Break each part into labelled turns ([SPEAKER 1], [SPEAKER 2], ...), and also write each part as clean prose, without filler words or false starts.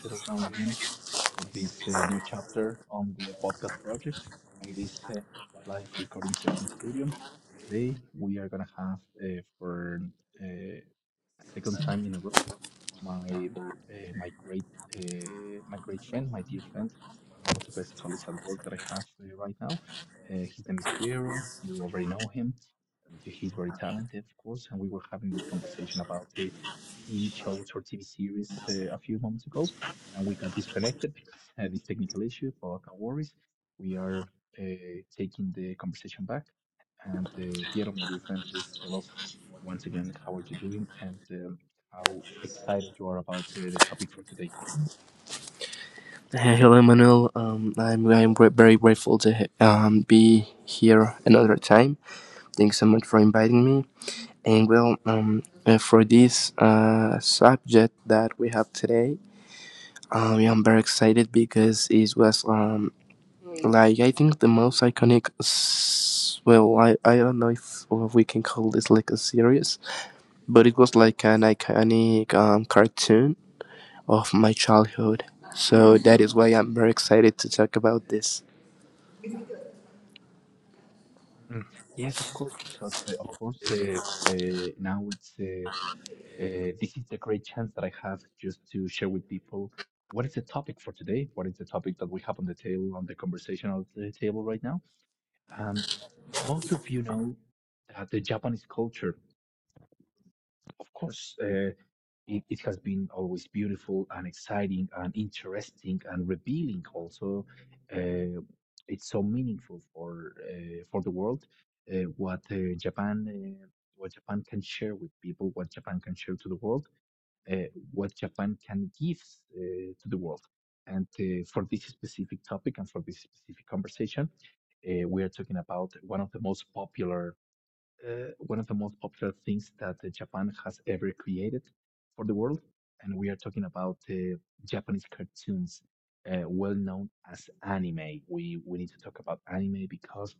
[SPEAKER 1] settled down again for this new chapter on the podcast project on this live recording session studio. Today we are gonna have for uh, second time in a row my my great my great friend, my dear friend, one of the best colleagues at work that I have right now. His name is Piero. You already know him. And he's very talented, of course, and we were having this conversation about the TV shows or TV series a few moments ago and we got disconnected, had this technical issue, but no worries. We are uh, taking the conversation back. And Piero, my dear friend, please tell us once again how are you doing and how excited you are about the topic for today.
[SPEAKER 2] Hey, hello, Manuel. I'm very grateful to be here another time. Thanks so much for inviting me. And well, for this subject that we have today, yeah, I'm very excited because it was like I think the most iconic. Well, I don't know if we can call this like a series, but it was like an iconic cartoon of my childhood. So that is why I'm very excited to talk about this.
[SPEAKER 1] Mm, Yes, of course, because of course now it's this is the great chance that I have just to share with people what is the topic for today, what is the topic that we have on the table on the conversational table right now. Um, most of you know that the Japanese culture, of course, it has been always beautiful and exciting and interesting and revealing. Also, uh, it's so meaningful for the world. Uh, what uh, Japan, uh, what Japan can share with people, what Japan can share to the world uh, what Japan can give to the world. And for this specific topic and for this specific conversation, we are talking about one of the most popular, one of the most popular things that Japan has ever created for the world, and we are talking about Japanese cartoons, well known as anime. We need to talk about anime because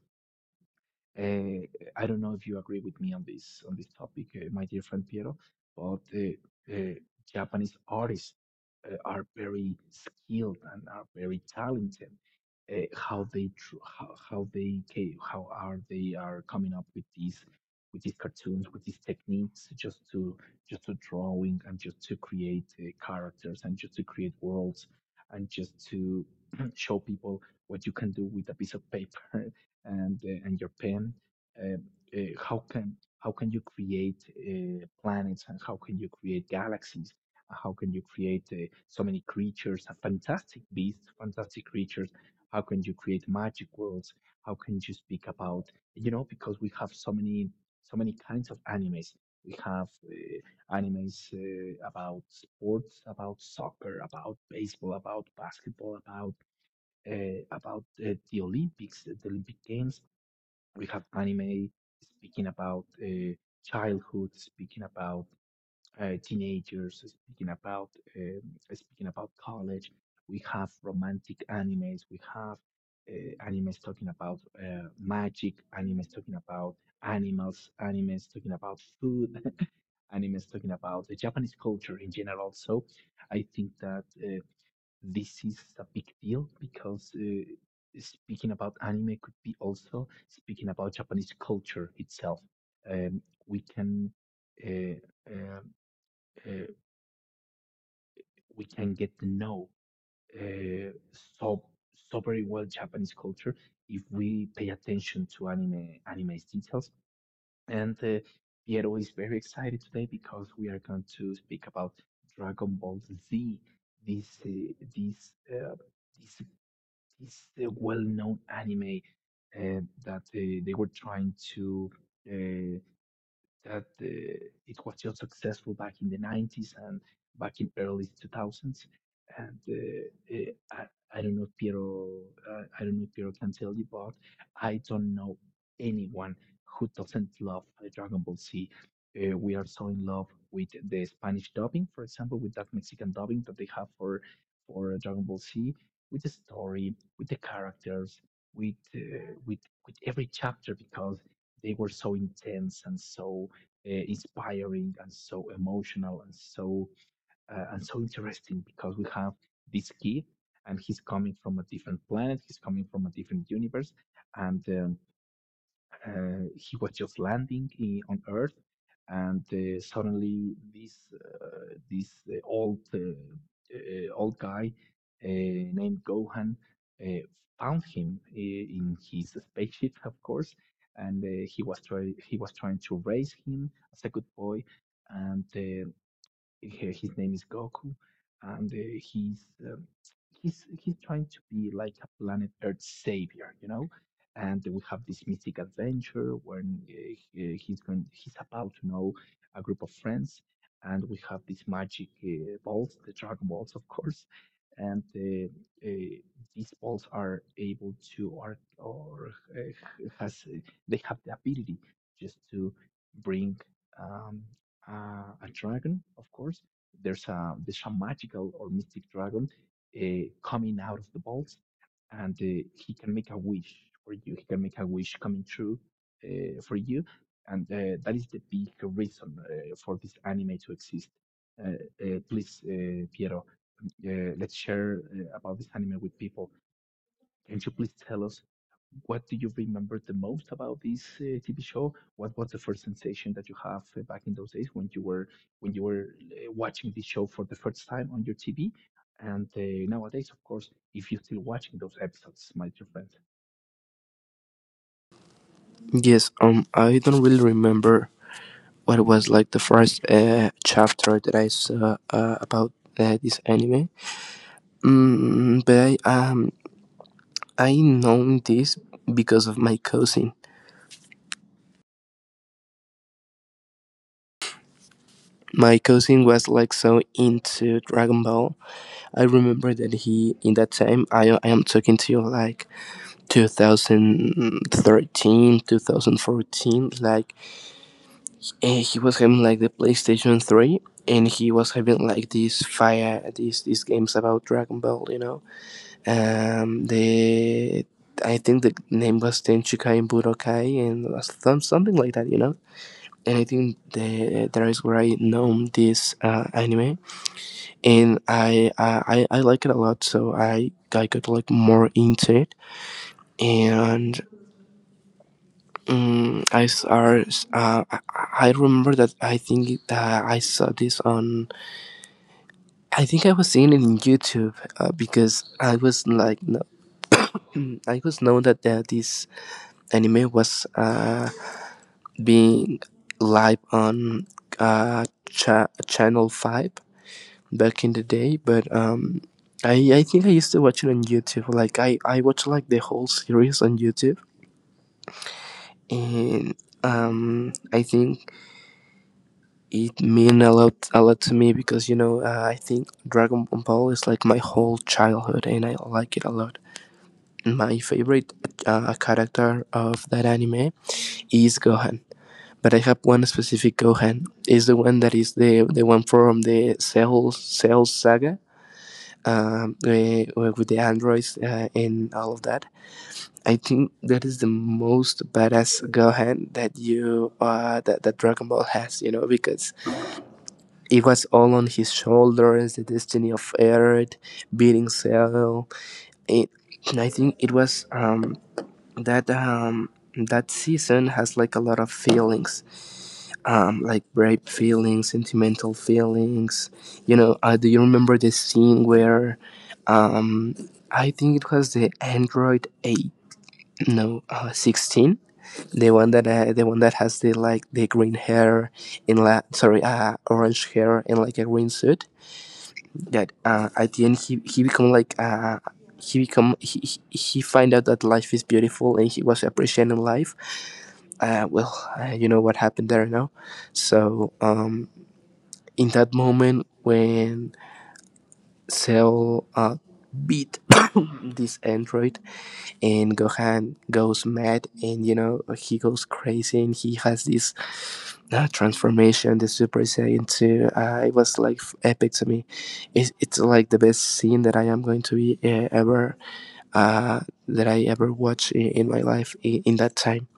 [SPEAKER 1] uh, I don't know if you agree with me on this, on this topic, my dear friend Piero, but Japanese artists are very skilled and are very talented. How they tr- how they ca- how are they are coming up with these, with these cartoons, with these techniques just to, just to drawing and just to create characters and just to create worlds and just to show people what you can do with a piece of paper and and your pen, uh, how can, how can you create planets and how can you create galaxies? How can you create so many creatures, fantastic beasts, fantastic creatures? How can you create magic worlds? How can you speak about because we have so many, so many kinds of animes. We have animes about sports, about soccer, about baseball, about basketball, about the Olympics, the Olympic Games. We have anime speaking about childhood, speaking about teenagers, um, speaking about college. We have romantic animes. We have animes talking about magic. Animes talking about animals. Animes talking about food. Animes talking about the Japanese culture in general. So I think that this is a big deal because speaking about anime could be also speaking about Japanese culture itself. Um, we can uh, um uh, we can get to know uh, so so very well Japanese culture if we pay attention to anime, anime's details. And Piero is very excited today because we are going to speak about Dragon Ball Z. This uh, this uh, this It's the well-known anime that they were trying to. Uh, that it was just successful back in the 90s and back in early 2000s. And I don't know if Piero, I don't know if Piero can tell you, but I don't know anyone who doesn't love Dragon Ball Z. We are so in love with the Spanish dubbing, for example, with that Mexican dubbing that they have for Dragon Ball Z, with the story, with the characters, with with every chapter because they were so intense and so inspiring and so emotional and so interesting because we have this kid and he's coming from a different planet, he's coming from a different universe and uh, he was just landing on Earth, and suddenly this old guy named Gohan uh, found him in his spaceship, of course, and he was trying to raise him as a good boy, and he- his name is Goku, and he's trying to be like a planet Earth savior, you know. And we have this mystic adventure when he's about to know a group of friends, and we have these magic balls, the Dragon Balls, of course. And uh, these balls are able to, or has they have the ability just to bring Um, a dragon, of course. There's a magical or mystic dragon coming out of the balls, and he can make a wish for you. He can make a wish coming true for you, and that is the big reason for this anime to exist. Uh, please, Piero, let's share about this anime with people. Can you please tell us, what do you remember the most about this TV show? What was the first sensation that you have back in those days when you were watching this show for the first time on your TV? And nowadays, of course, if you're still watching those episodes, my dear friend.
[SPEAKER 2] Yes, I don't really remember what was like the first chapter that I saw about this anime. Mm, but I um I know this because of my cousin. My cousin was like so into Dragon Ball. I remember that he in that time I am talking to you like 2013, 2014, like and he was having like the PlayStation 3 and he was having like these fire these games about Dragon Ball, you know. The I think the name was Tenchikai and Budokai and something like that, you know. And I think there is where I know this anime, and I like it a lot. So I got like more into it, and I saw uh, I I remember that I think I saw this on I think I was seeing it in YouTube because I was like, no, I was known that this anime was being live on Channel Five back in the day, but I think I used to watch it on YouTube. Like I watched like the whole series on YouTube, and I think it meant a lot to me because you know I think Dragon Ball is like my whole childhood, and I like it a lot. My favorite character of that anime is Gohan, but I have one specific Gohan. It's the one that is the one from the Cell Saga, with the androids and all of that. I think that is the most badass Gohan that you that that Dragon Ball has, you know, because it was all on his shoulders, the destiny of Earth, beating Cell. It, and I think it was that that season has like a lot of feelings, like brave feelings, sentimental feelings, you know. Do you remember the scene where um I think it was the android 8, no 16, the one that has the like the green hair in la, sorry, orange hair and like a green suit, that at the end he become like he become he find out that life is beautiful and he was appreciating life, uh, well, you know what happened there now. So, in that moment when Cell beat this android and Gohan goes mad and you know he goes crazy and he has this transformation, the Super Saiyan 2, it was like epic to me. It's like the best scene that I am going to be ever, uh, that I ever watch in my life, in that time.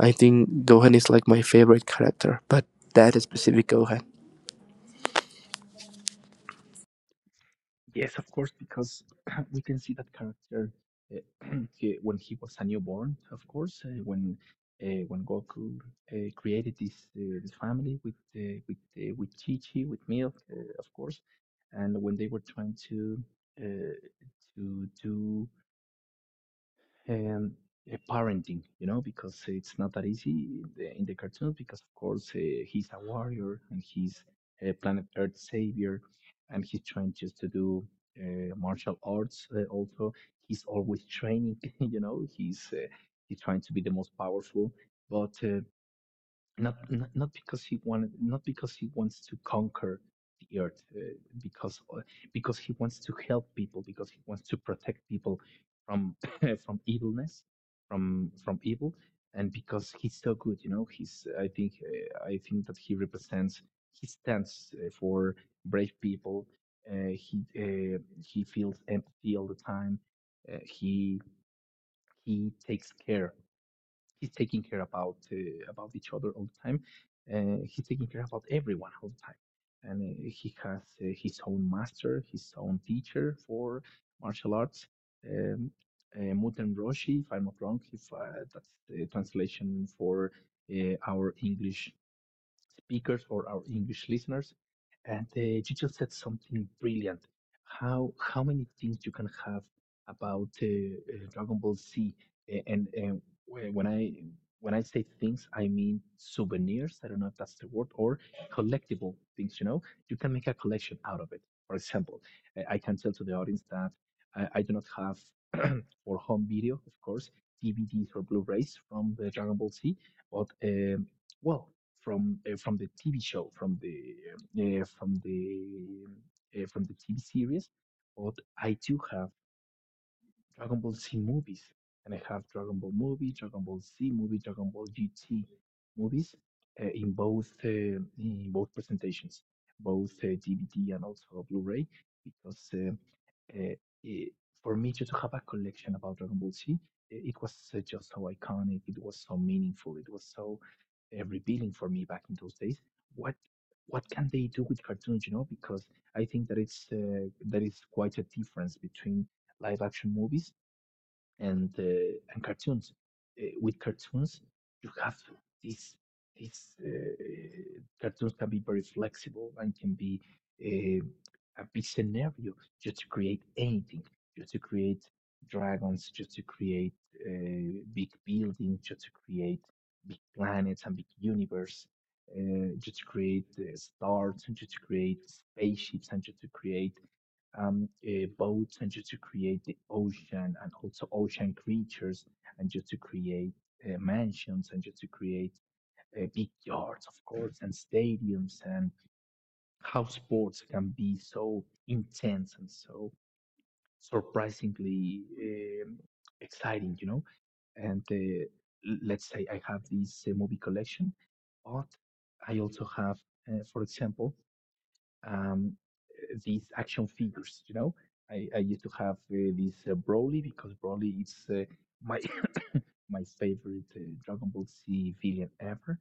[SPEAKER 2] I think Gohan is like my favorite character, but that specific Gohan.
[SPEAKER 1] Yes, of course, because we can see that character uh, he, when he was a newborn, of course, when when Goku created this family with with Chi Chi, with Milk, of course, and when they were trying uh, to do um, parenting, you know, because it's not that easy in the cartoons. Because of course he's a warrior and he's a planet Earth savior, and he's trying just to do martial arts. Also, he's always training. You know, he's trying to be the most powerful. But not not because he wanted, not because he wants to conquer the earth because uh, because he wants to help people because he wants to protect people from from evilness, from evil, and because he's so good, you know. He's, I think I think that he represents, he stands for brave people. He feels empathy all the time. Uh, he he takes care he's taking care about each other all the time. He's taking care about everyone all the time, and he has his own master, his own teacher for martial arts. Um, Muten Roshi, if I'm not wrong, if that's the translation for our English speakers or our English listeners. And you just said something brilliant. How how many things you can have about Dragon Ball Z? A- And, and wh- when I when I say things, I mean souvenirs. I don't know if that's the word, or collectible things. You know, you can make a collection out of it. For example, I can tell to the audience that I do not have for home video, of course, DVDs or Blu-rays from the Dragon Ball Z, but well, from the TV show, from the from the from the TV series, but I do have Dragon Ball Z movies, and I have Dragon Ball movie, Dragon Ball Z movie, Dragon Ball GT movies in both presentations, both DVD and also Blu-ray, because uh, it, for me to have a collection about Dragon Ball Z, it was just so iconic. It was so meaningful. It was so revealing for me back in those days. What what can they do with cartoons? You know, because I think that it's that is quite a difference between live action movies and cartoons. With cartoons, you have these these cartoons can be very flexible and can be uh, a big scenario just to create anything, just to create dragons, just to create big buildings, just to create big planets and big universe. Just to create stars, and just to create spaceships, and just to create boats, and just to create the ocean, and also ocean creatures, and just to create mansions, and just to create big yards, of course, and stadiums, and how sports can be so intense and so surprisingly exciting, you know. And let's say I have this movie collection, but I also have, for example, um, these action figures. You know, I used to have this Broly, because Broly is my my favorite Dragon Ball Z villain ever.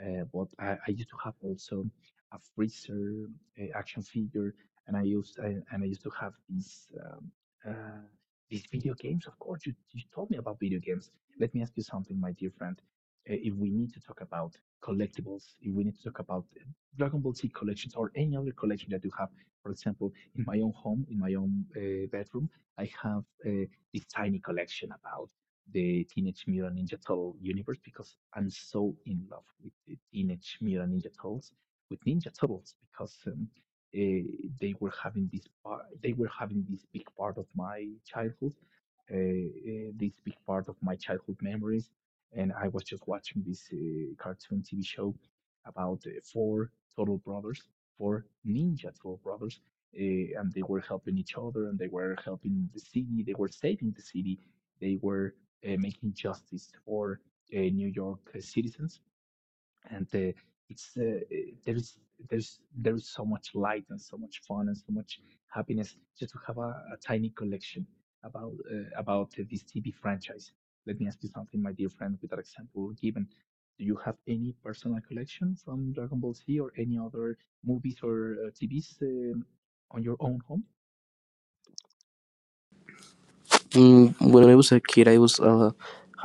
[SPEAKER 1] But I used to have also a freezer action figure, and I used to have uh, these video games. Of course, you told me about video games. Let me ask you something, my dear friend. If we need to talk about collectibles, if we need to talk about Dragon Ball Z collections or any other collection that you have, for example, in my own home, in my own bedroom, I have this tiny collection about the Teenage Mutant Ninja Turtle universe, because I'm so in love with the Teenage Mutant Ninja Turtles, with Ninja Turtles, because uh, they were having this part, they were having this big part of my childhood, this big part of my childhood memories. And I was just watching this cartoon TV show about four total brothers, four ninja total brothers, and they were helping each other, and they were helping the city, they were saving the city, they were making justice for New York citizens. And it's eh, there is there's there is so much light and so much fun and so much happiness just to have a tiny collection about this TV franchise. Let me ask you something, my dear friend, with that example given. Do you have any personal collection from Dragon Ball Z or any other movies or TVs on your own home?
[SPEAKER 2] When I was a kid, I was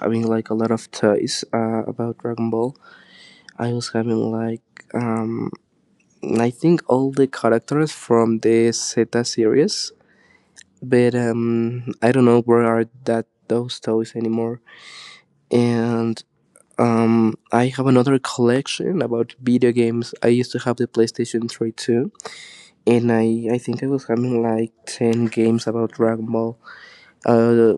[SPEAKER 2] having like a lot of toys about Dragon Ball. I was having like um, I think all the characters from the Z series, but I don't know where are that those toys anymore. And I have another collection about video games. I used to have the PlayStation Three too, and I think I was having like 10 games about Dragon Ball. Uh,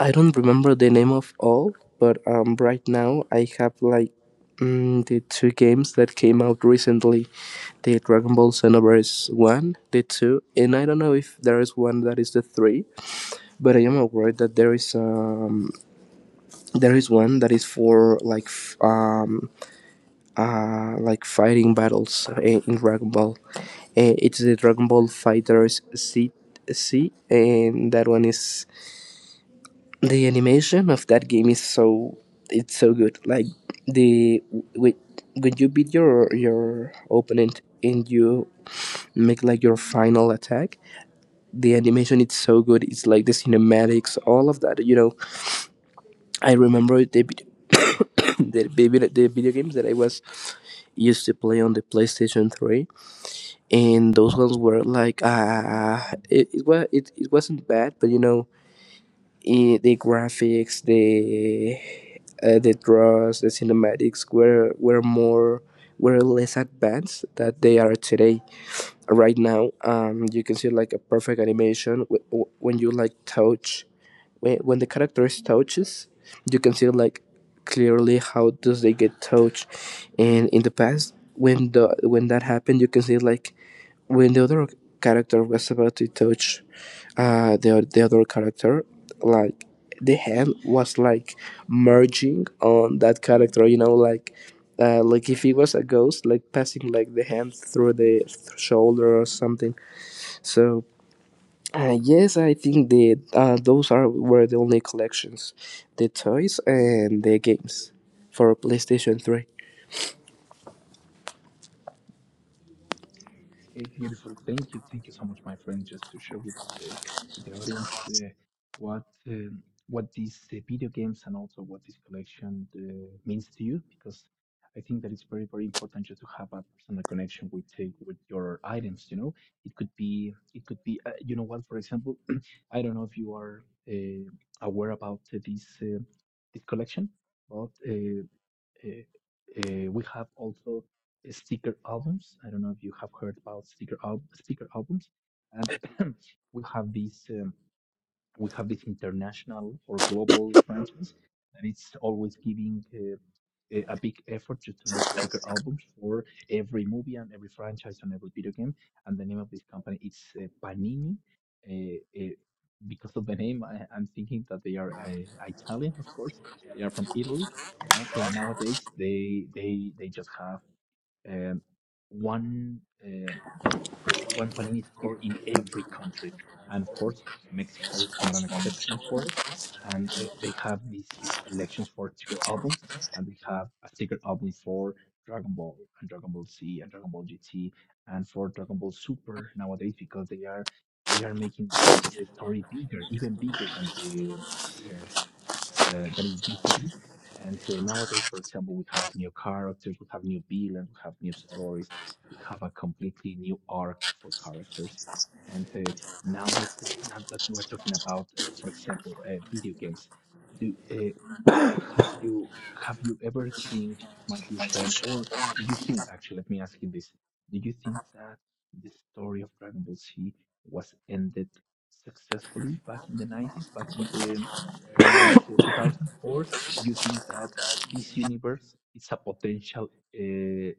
[SPEAKER 2] I don't remember the name of all, but right now I have like the two games that came out recently: the Dragon Ball Xenoverse one, the two, and I don't know if there is one that is the three, but I am aware that there is one that is for like like fighting battles in Dragon Ball. It's the Dragon Ball Fighters Z, and that one is, the animation of that game is so, it's so good. Like the with when you beat your opponent and you make like your final attack, the animation, it's so good. It's like the cinematics, all of that. You know, I remember the vid- the video games that I was used to play on the PlayStation Three, and those ones were like it was, it wasn't bad, but you know I the graphics, the draws, the cinematics were more, were less advanced that they are today. Right now you can see like a perfect animation, when you like touch, when the characters touches, you can see like clearly how does they get touched. And in the past when the when that happened, you can see like when the other character was about to touch the other character, like the hand was like merging on that character, you know, like if he was a ghost, like passing like the hand through the shoulder or something. So yes, I think the those are, were the only collections, the toys and the games for PlayStation Three.
[SPEAKER 1] Okay, beautiful. Thank you. Thank you so much, my friend. Just to share uh, with the audience what um, what these video games and also what this collection means to you, because I think that it's very important just to have a personal connection with your items. You know, it could be you know what, for example, I don't know if you are aware about this collection, but. Uh, we have also sticker albums. I don't know if you have heard about sticker albums, and we have these. We have this international or global franchise, and it's always giving a big effort just to make sticker albums for every movie and every franchise and every video game. And the name of this company is Panini. Uh, uh, because of the name, I'm thinking that they are Italian, of course. They are from Italy, but nowadays they just have um, one. uh, one Panini store in every country. And of course, Mexico is not an exception for it. And they have these big collections for sticker albums, and they have a sticker album for Dragon Ball and Dragon Ball Z and Dragon Ball GT and for Dragon Ball Super nowadays, because they are making this story bigger, even bigger than the uh, than it used to be. And nowadays, for example, we have new characters, we have new villains, we have new stories, we have a completely new arc for characters. And now that we're talking about, for example, video games, do have you have you ever think, my dear friend, or do you think actually, let me ask you this. Do you think that the story of Dragon Ball Z was ended successfully back in the 90s, back in the early 2000s, or do you think that this universe is a potential uh,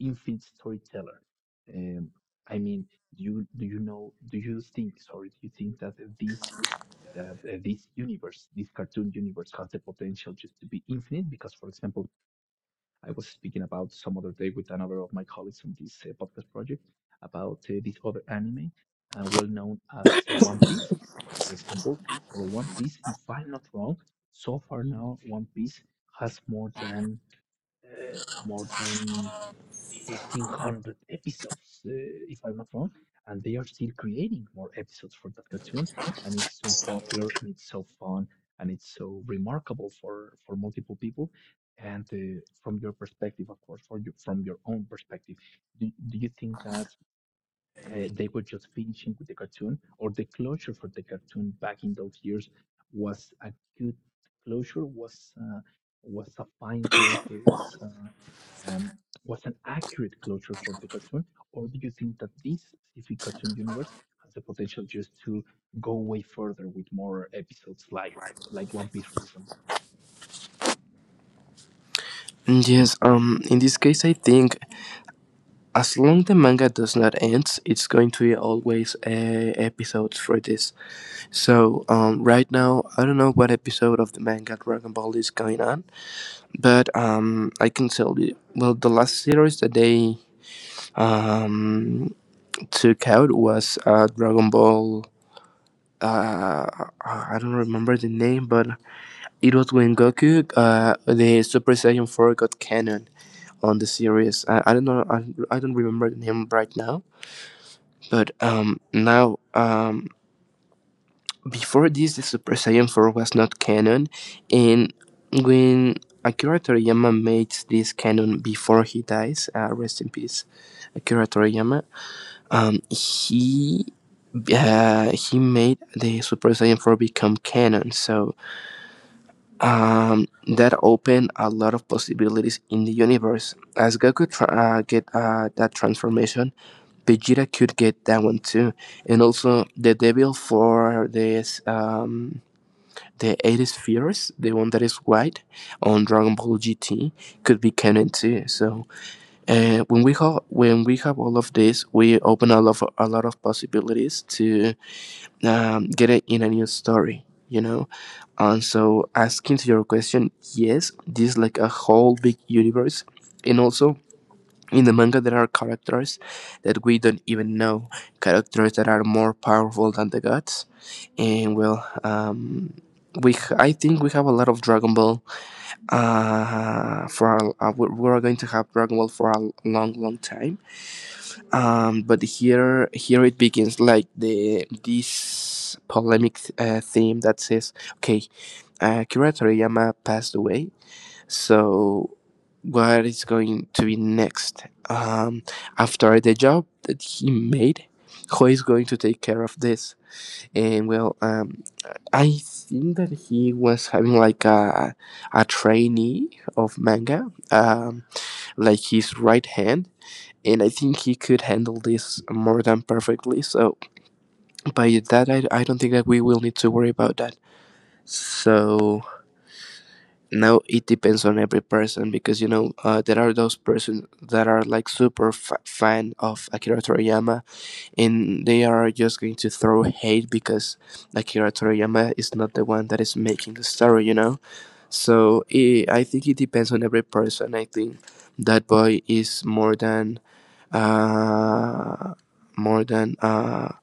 [SPEAKER 1] infinite storyteller? Um, I mean, do you know, do you think, sorry, do you think that this universe, this cartoon universe, has the potential just to be infinite. Because, for example, I was speaking about some other day with another of my colleagues on this podcast project about this other anime, well known as One Piece. For example, for One Piece, if I'm not wrong, so far now One Piece has more than uh, more than 1500 episodes, if I'm not wrong, and they are still creating more episodes for that cartoon. And it's so popular, and it's so fun, and it's so remarkable for multiple people. And from your perspective, of course, for you, from your own perspective, do you think that they were just finishing with the cartoon, or the closure for the cartoon back in those years was a good closure, was a fine closure, was uh, um, was an accurate closure for the cartoon, or do you think that this specific cartoon universe has the potential just to go way further with more episodes, like One Piece, for example?
[SPEAKER 2] Yes, in this case, I think as long the manga does not end, it's going to be always episodes for this. So right now, I don't know what episode of the manga Dragon Ball is going on, but I can tell you. Well, the last series that they um, took out was Dragon Ball. Uh, I don't remember the name, but it was when Goku, the Super Saiyan 4 got canon on the series. I don't know. I don't remember the name right now. But now, before this, the Super Saiyan 4 was not canon, and when Akira Toriyama made this canon before he dies, rest in peace, Akira Toriyama, um, he he made the Super Saiyan 4 become canon, so that opened a lot of possibilities in the universe. As Goku get that transformation, Vegeta could get that one too, and also the devil for this the 8 spheres, the one that is white on Dragon Ball GT, could be canon too. So when we have all of this, we open a lot of possibilities to get it in a new story. You know, and so asking to your question, yes, this is like a whole big universe, and also in the manga, there are characters that we don't even know, characters that are more powerful than the gods. And well, we I think we have a lot of Dragon Ball. We are going to have Dragon Ball for a long, long time. But here, it begins like the this polemic theme that says, okay, Kira Toriyama passed away, so what is going to be next? Um, after the job that he made, who is going to take care of this? And well, I think that he was having like a trainee of manga, like his right hand. And I think he could handle this more than perfectly. So by that, I don't think that we will need to worry about that. So now it depends on every person, because you know there are those persons that are like super fan of Akira Toriyama, and they are just going to throw hate because Akira Toriyama is not the one that is making the story, you know. So I think it depends on every person. I think that boy is more than uh, more than uh,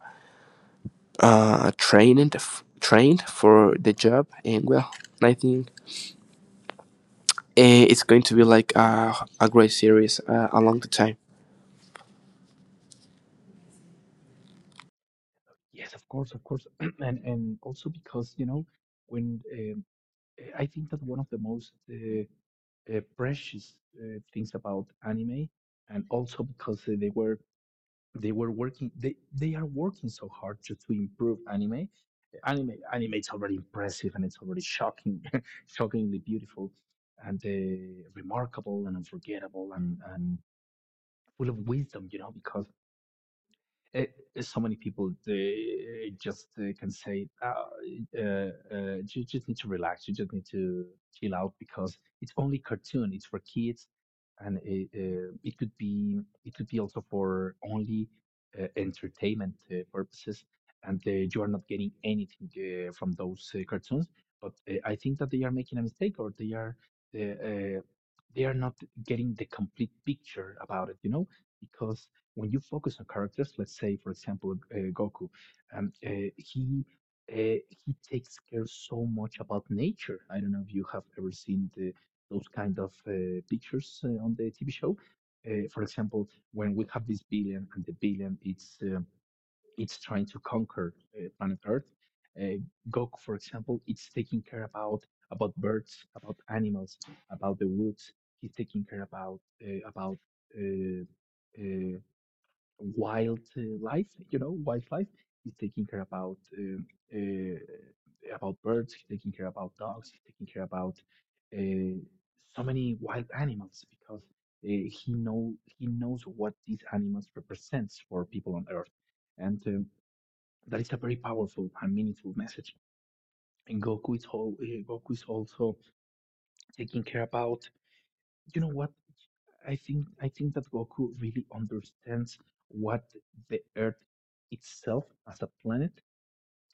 [SPEAKER 2] trained for the job, and well, I think it's going to be like a great series along the time.
[SPEAKER 1] Yes, of course, and also because you know when I think that one of the most precious things about anime, and also because they are working so hard just to improve anime. Anime is already impressive, and it's already shocking, shockingly beautiful, and remarkable and unforgettable and full of wisdom. You know, because it, so many people they just can say oh, uh, you just need to relax, you just need to chill out, because it's only cartoon, it's for kids, and it could be, it could be also for only entertainment purposes, and you are not getting anything from those cartoons, but I think that they are making a mistake, or uh, uh, they are not getting the complete picture about it, you know, because when you focus on characters, let's say, for example, Goku, um, uh, he he takes care so much about nature. I don't know if you have ever seen the, those kind of pictures on the TV show. For example, when we have this billion, and the billion, it's trying to conquer planet Earth. Uh, Goku, for example, it's taking care about birds, about animals, about the woods. He's taking care about uh, about uh, uh, wildlife, you know, wildlife. He's taking care uh, about birds. He's taking care about dogs. He's taking care about uh, so many wild animals, because he knows what these animals represents for people on Earth, and that is a very powerful and meaningful message. And Goku is also taking care about. You know what? I think that Goku really understands what the Earth itself as a planet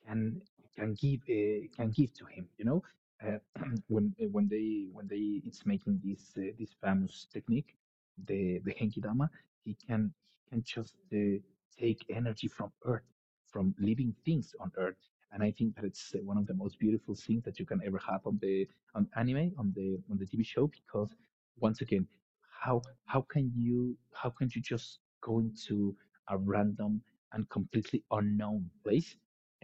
[SPEAKER 1] can can give to him, you know. uh, when when they it's making this this famous technique, the henki dama, he can he can just take energy from earth, from living things on earth, and I think that it's one of the most beautiful things that you can ever have on the on anime, on the TV show, because once again, how how can you just go into a random and completely unknown place.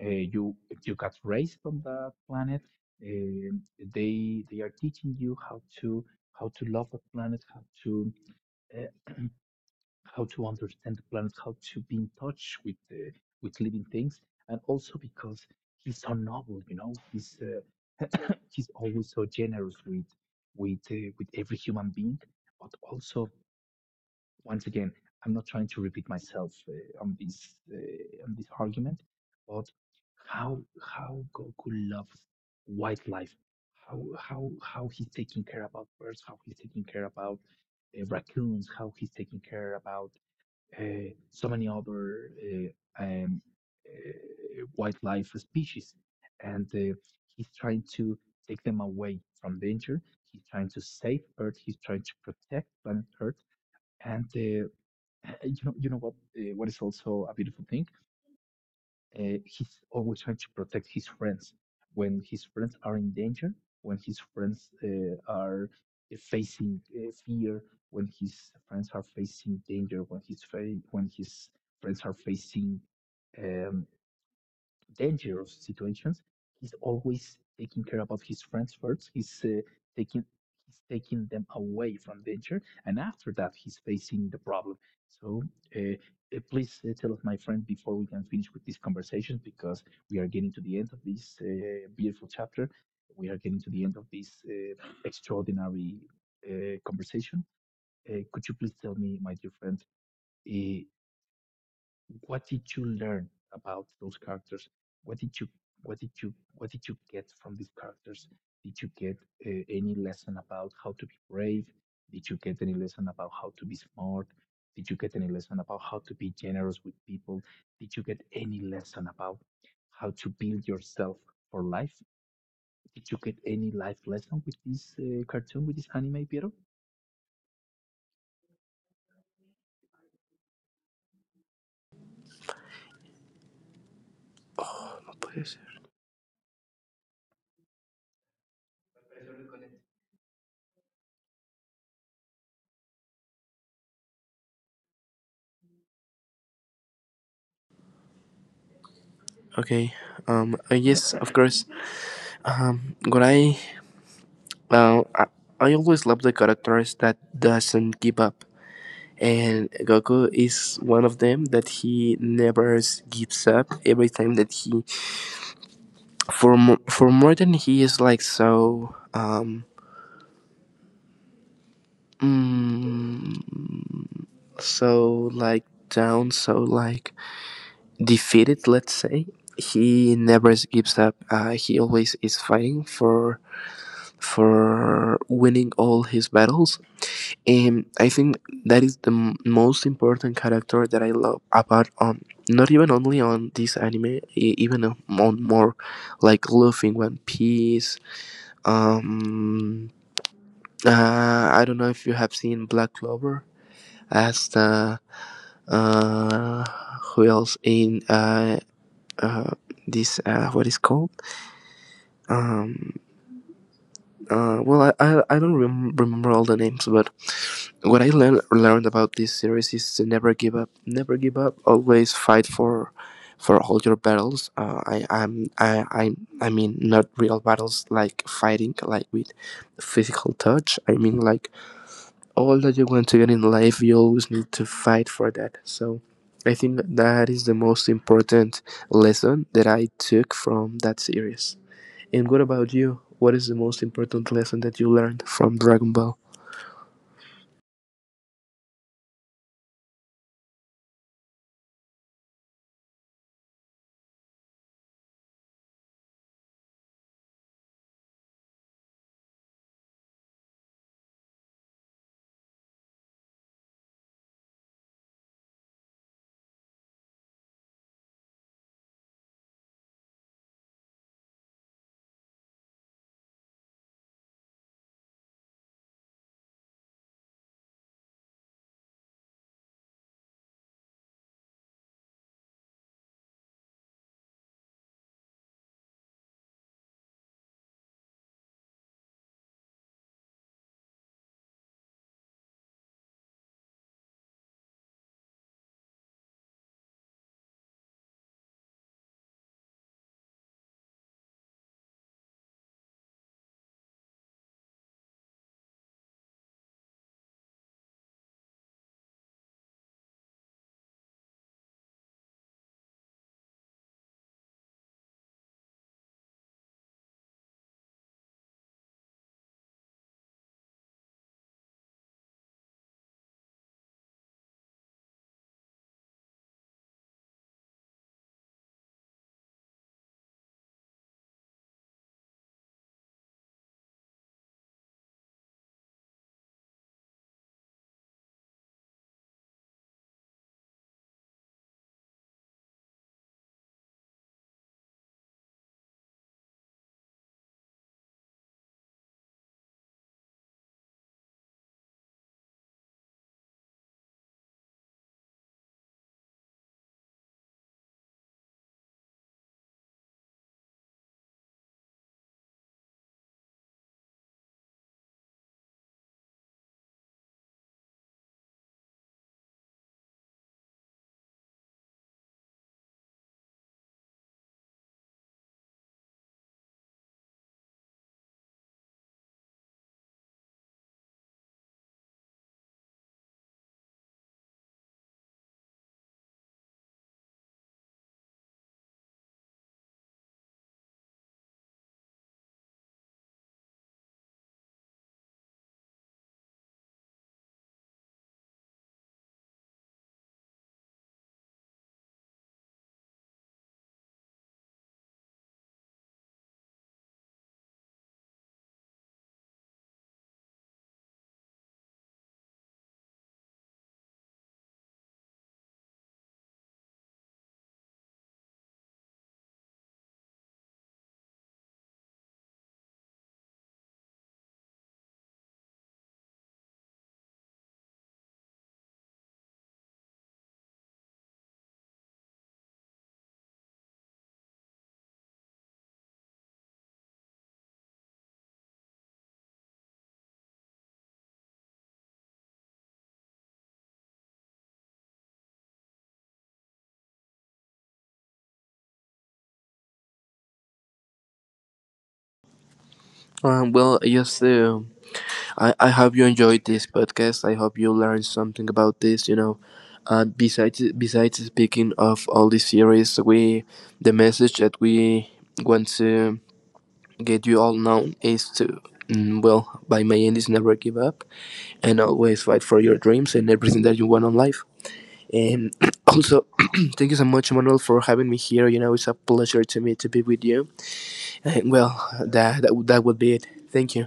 [SPEAKER 1] uh, you you got raised on that planet. Um they are teaching you how to love the planet, how to uh, how to understand the planet, how to be in touch with living things, and also because he's so noble, you know, he's always so generous with with every human being. But also, once again, I'm not trying to repeat myself on this argument, but how Goku loves wildlife, how he's taking care about birds, how he's taking care about raccoons, how he's taking care about so many other wildlife species, and he's trying to take them away from danger. He's trying to save Earth. He's trying to protect planet Earth. And you know what? What is also a beautiful thing? He's always trying to protect his friends when his friends are in danger, when his friends are facing fear, when his friends are facing danger, when his when his friends are facing um, dangerous situations, he's always taking care about his friends first. Taking he's taking them away from danger, and after that, he's facing the problem. So, uh, please tell us, my friend, before we can finish with this conversation, because we are getting to the end of this beautiful chapter. We are getting to the end of this extraordinary conversation. Could you please tell me, my dear friend? uh, what did you learn about those characters? What did you what did you what did you get from these characters? Did you get any lesson about how to be brave? Did you get any lesson about how to be smart? Did you get any lesson about how to be generous with people? Did you get any lesson about how to build yourself for life? Did you get any life lesson with this cartoon, with this anime, Piero?
[SPEAKER 2] Okay. Yes, of course. What uh, I, I always love the characters that doesn't give up, and Goku is one of them that he never gives up. Every time that he for for more than he is like so mm, so like down, so like defeated, let's say, he never gives up. He always is fighting for winning all his battles, and I think that is the most important character that I love about not even only on this anime, even on more like Luffy, One Piece. Um, I don't know if you have seen Black Clover, as the uh, who else in uh, this what is called um, well, I don't remember all the names, but what I learned about this series is to never give up, never give up, always fight for all your battles. Uh, I, I'm, I, I, I mean not real battles like fighting like with physical touch, I mean like all that you want to get in life you always need to fight for that. So I think that is the most important lesson that I took from that series. And what about you? What is the most important lesson that you learned from Dragon Ball? Well, just I hope you enjoyed this podcast. I hope you learned something about this. You know, besides speaking of all these series, we, the message that we want to get you all known is to well, by my end, is never give up and always fight for your dreams and everything that you want on life. And also, thank you so much, Manuel, for having me here. You know, it's a pleasure to me to be with you. well, that would be it. Thank you.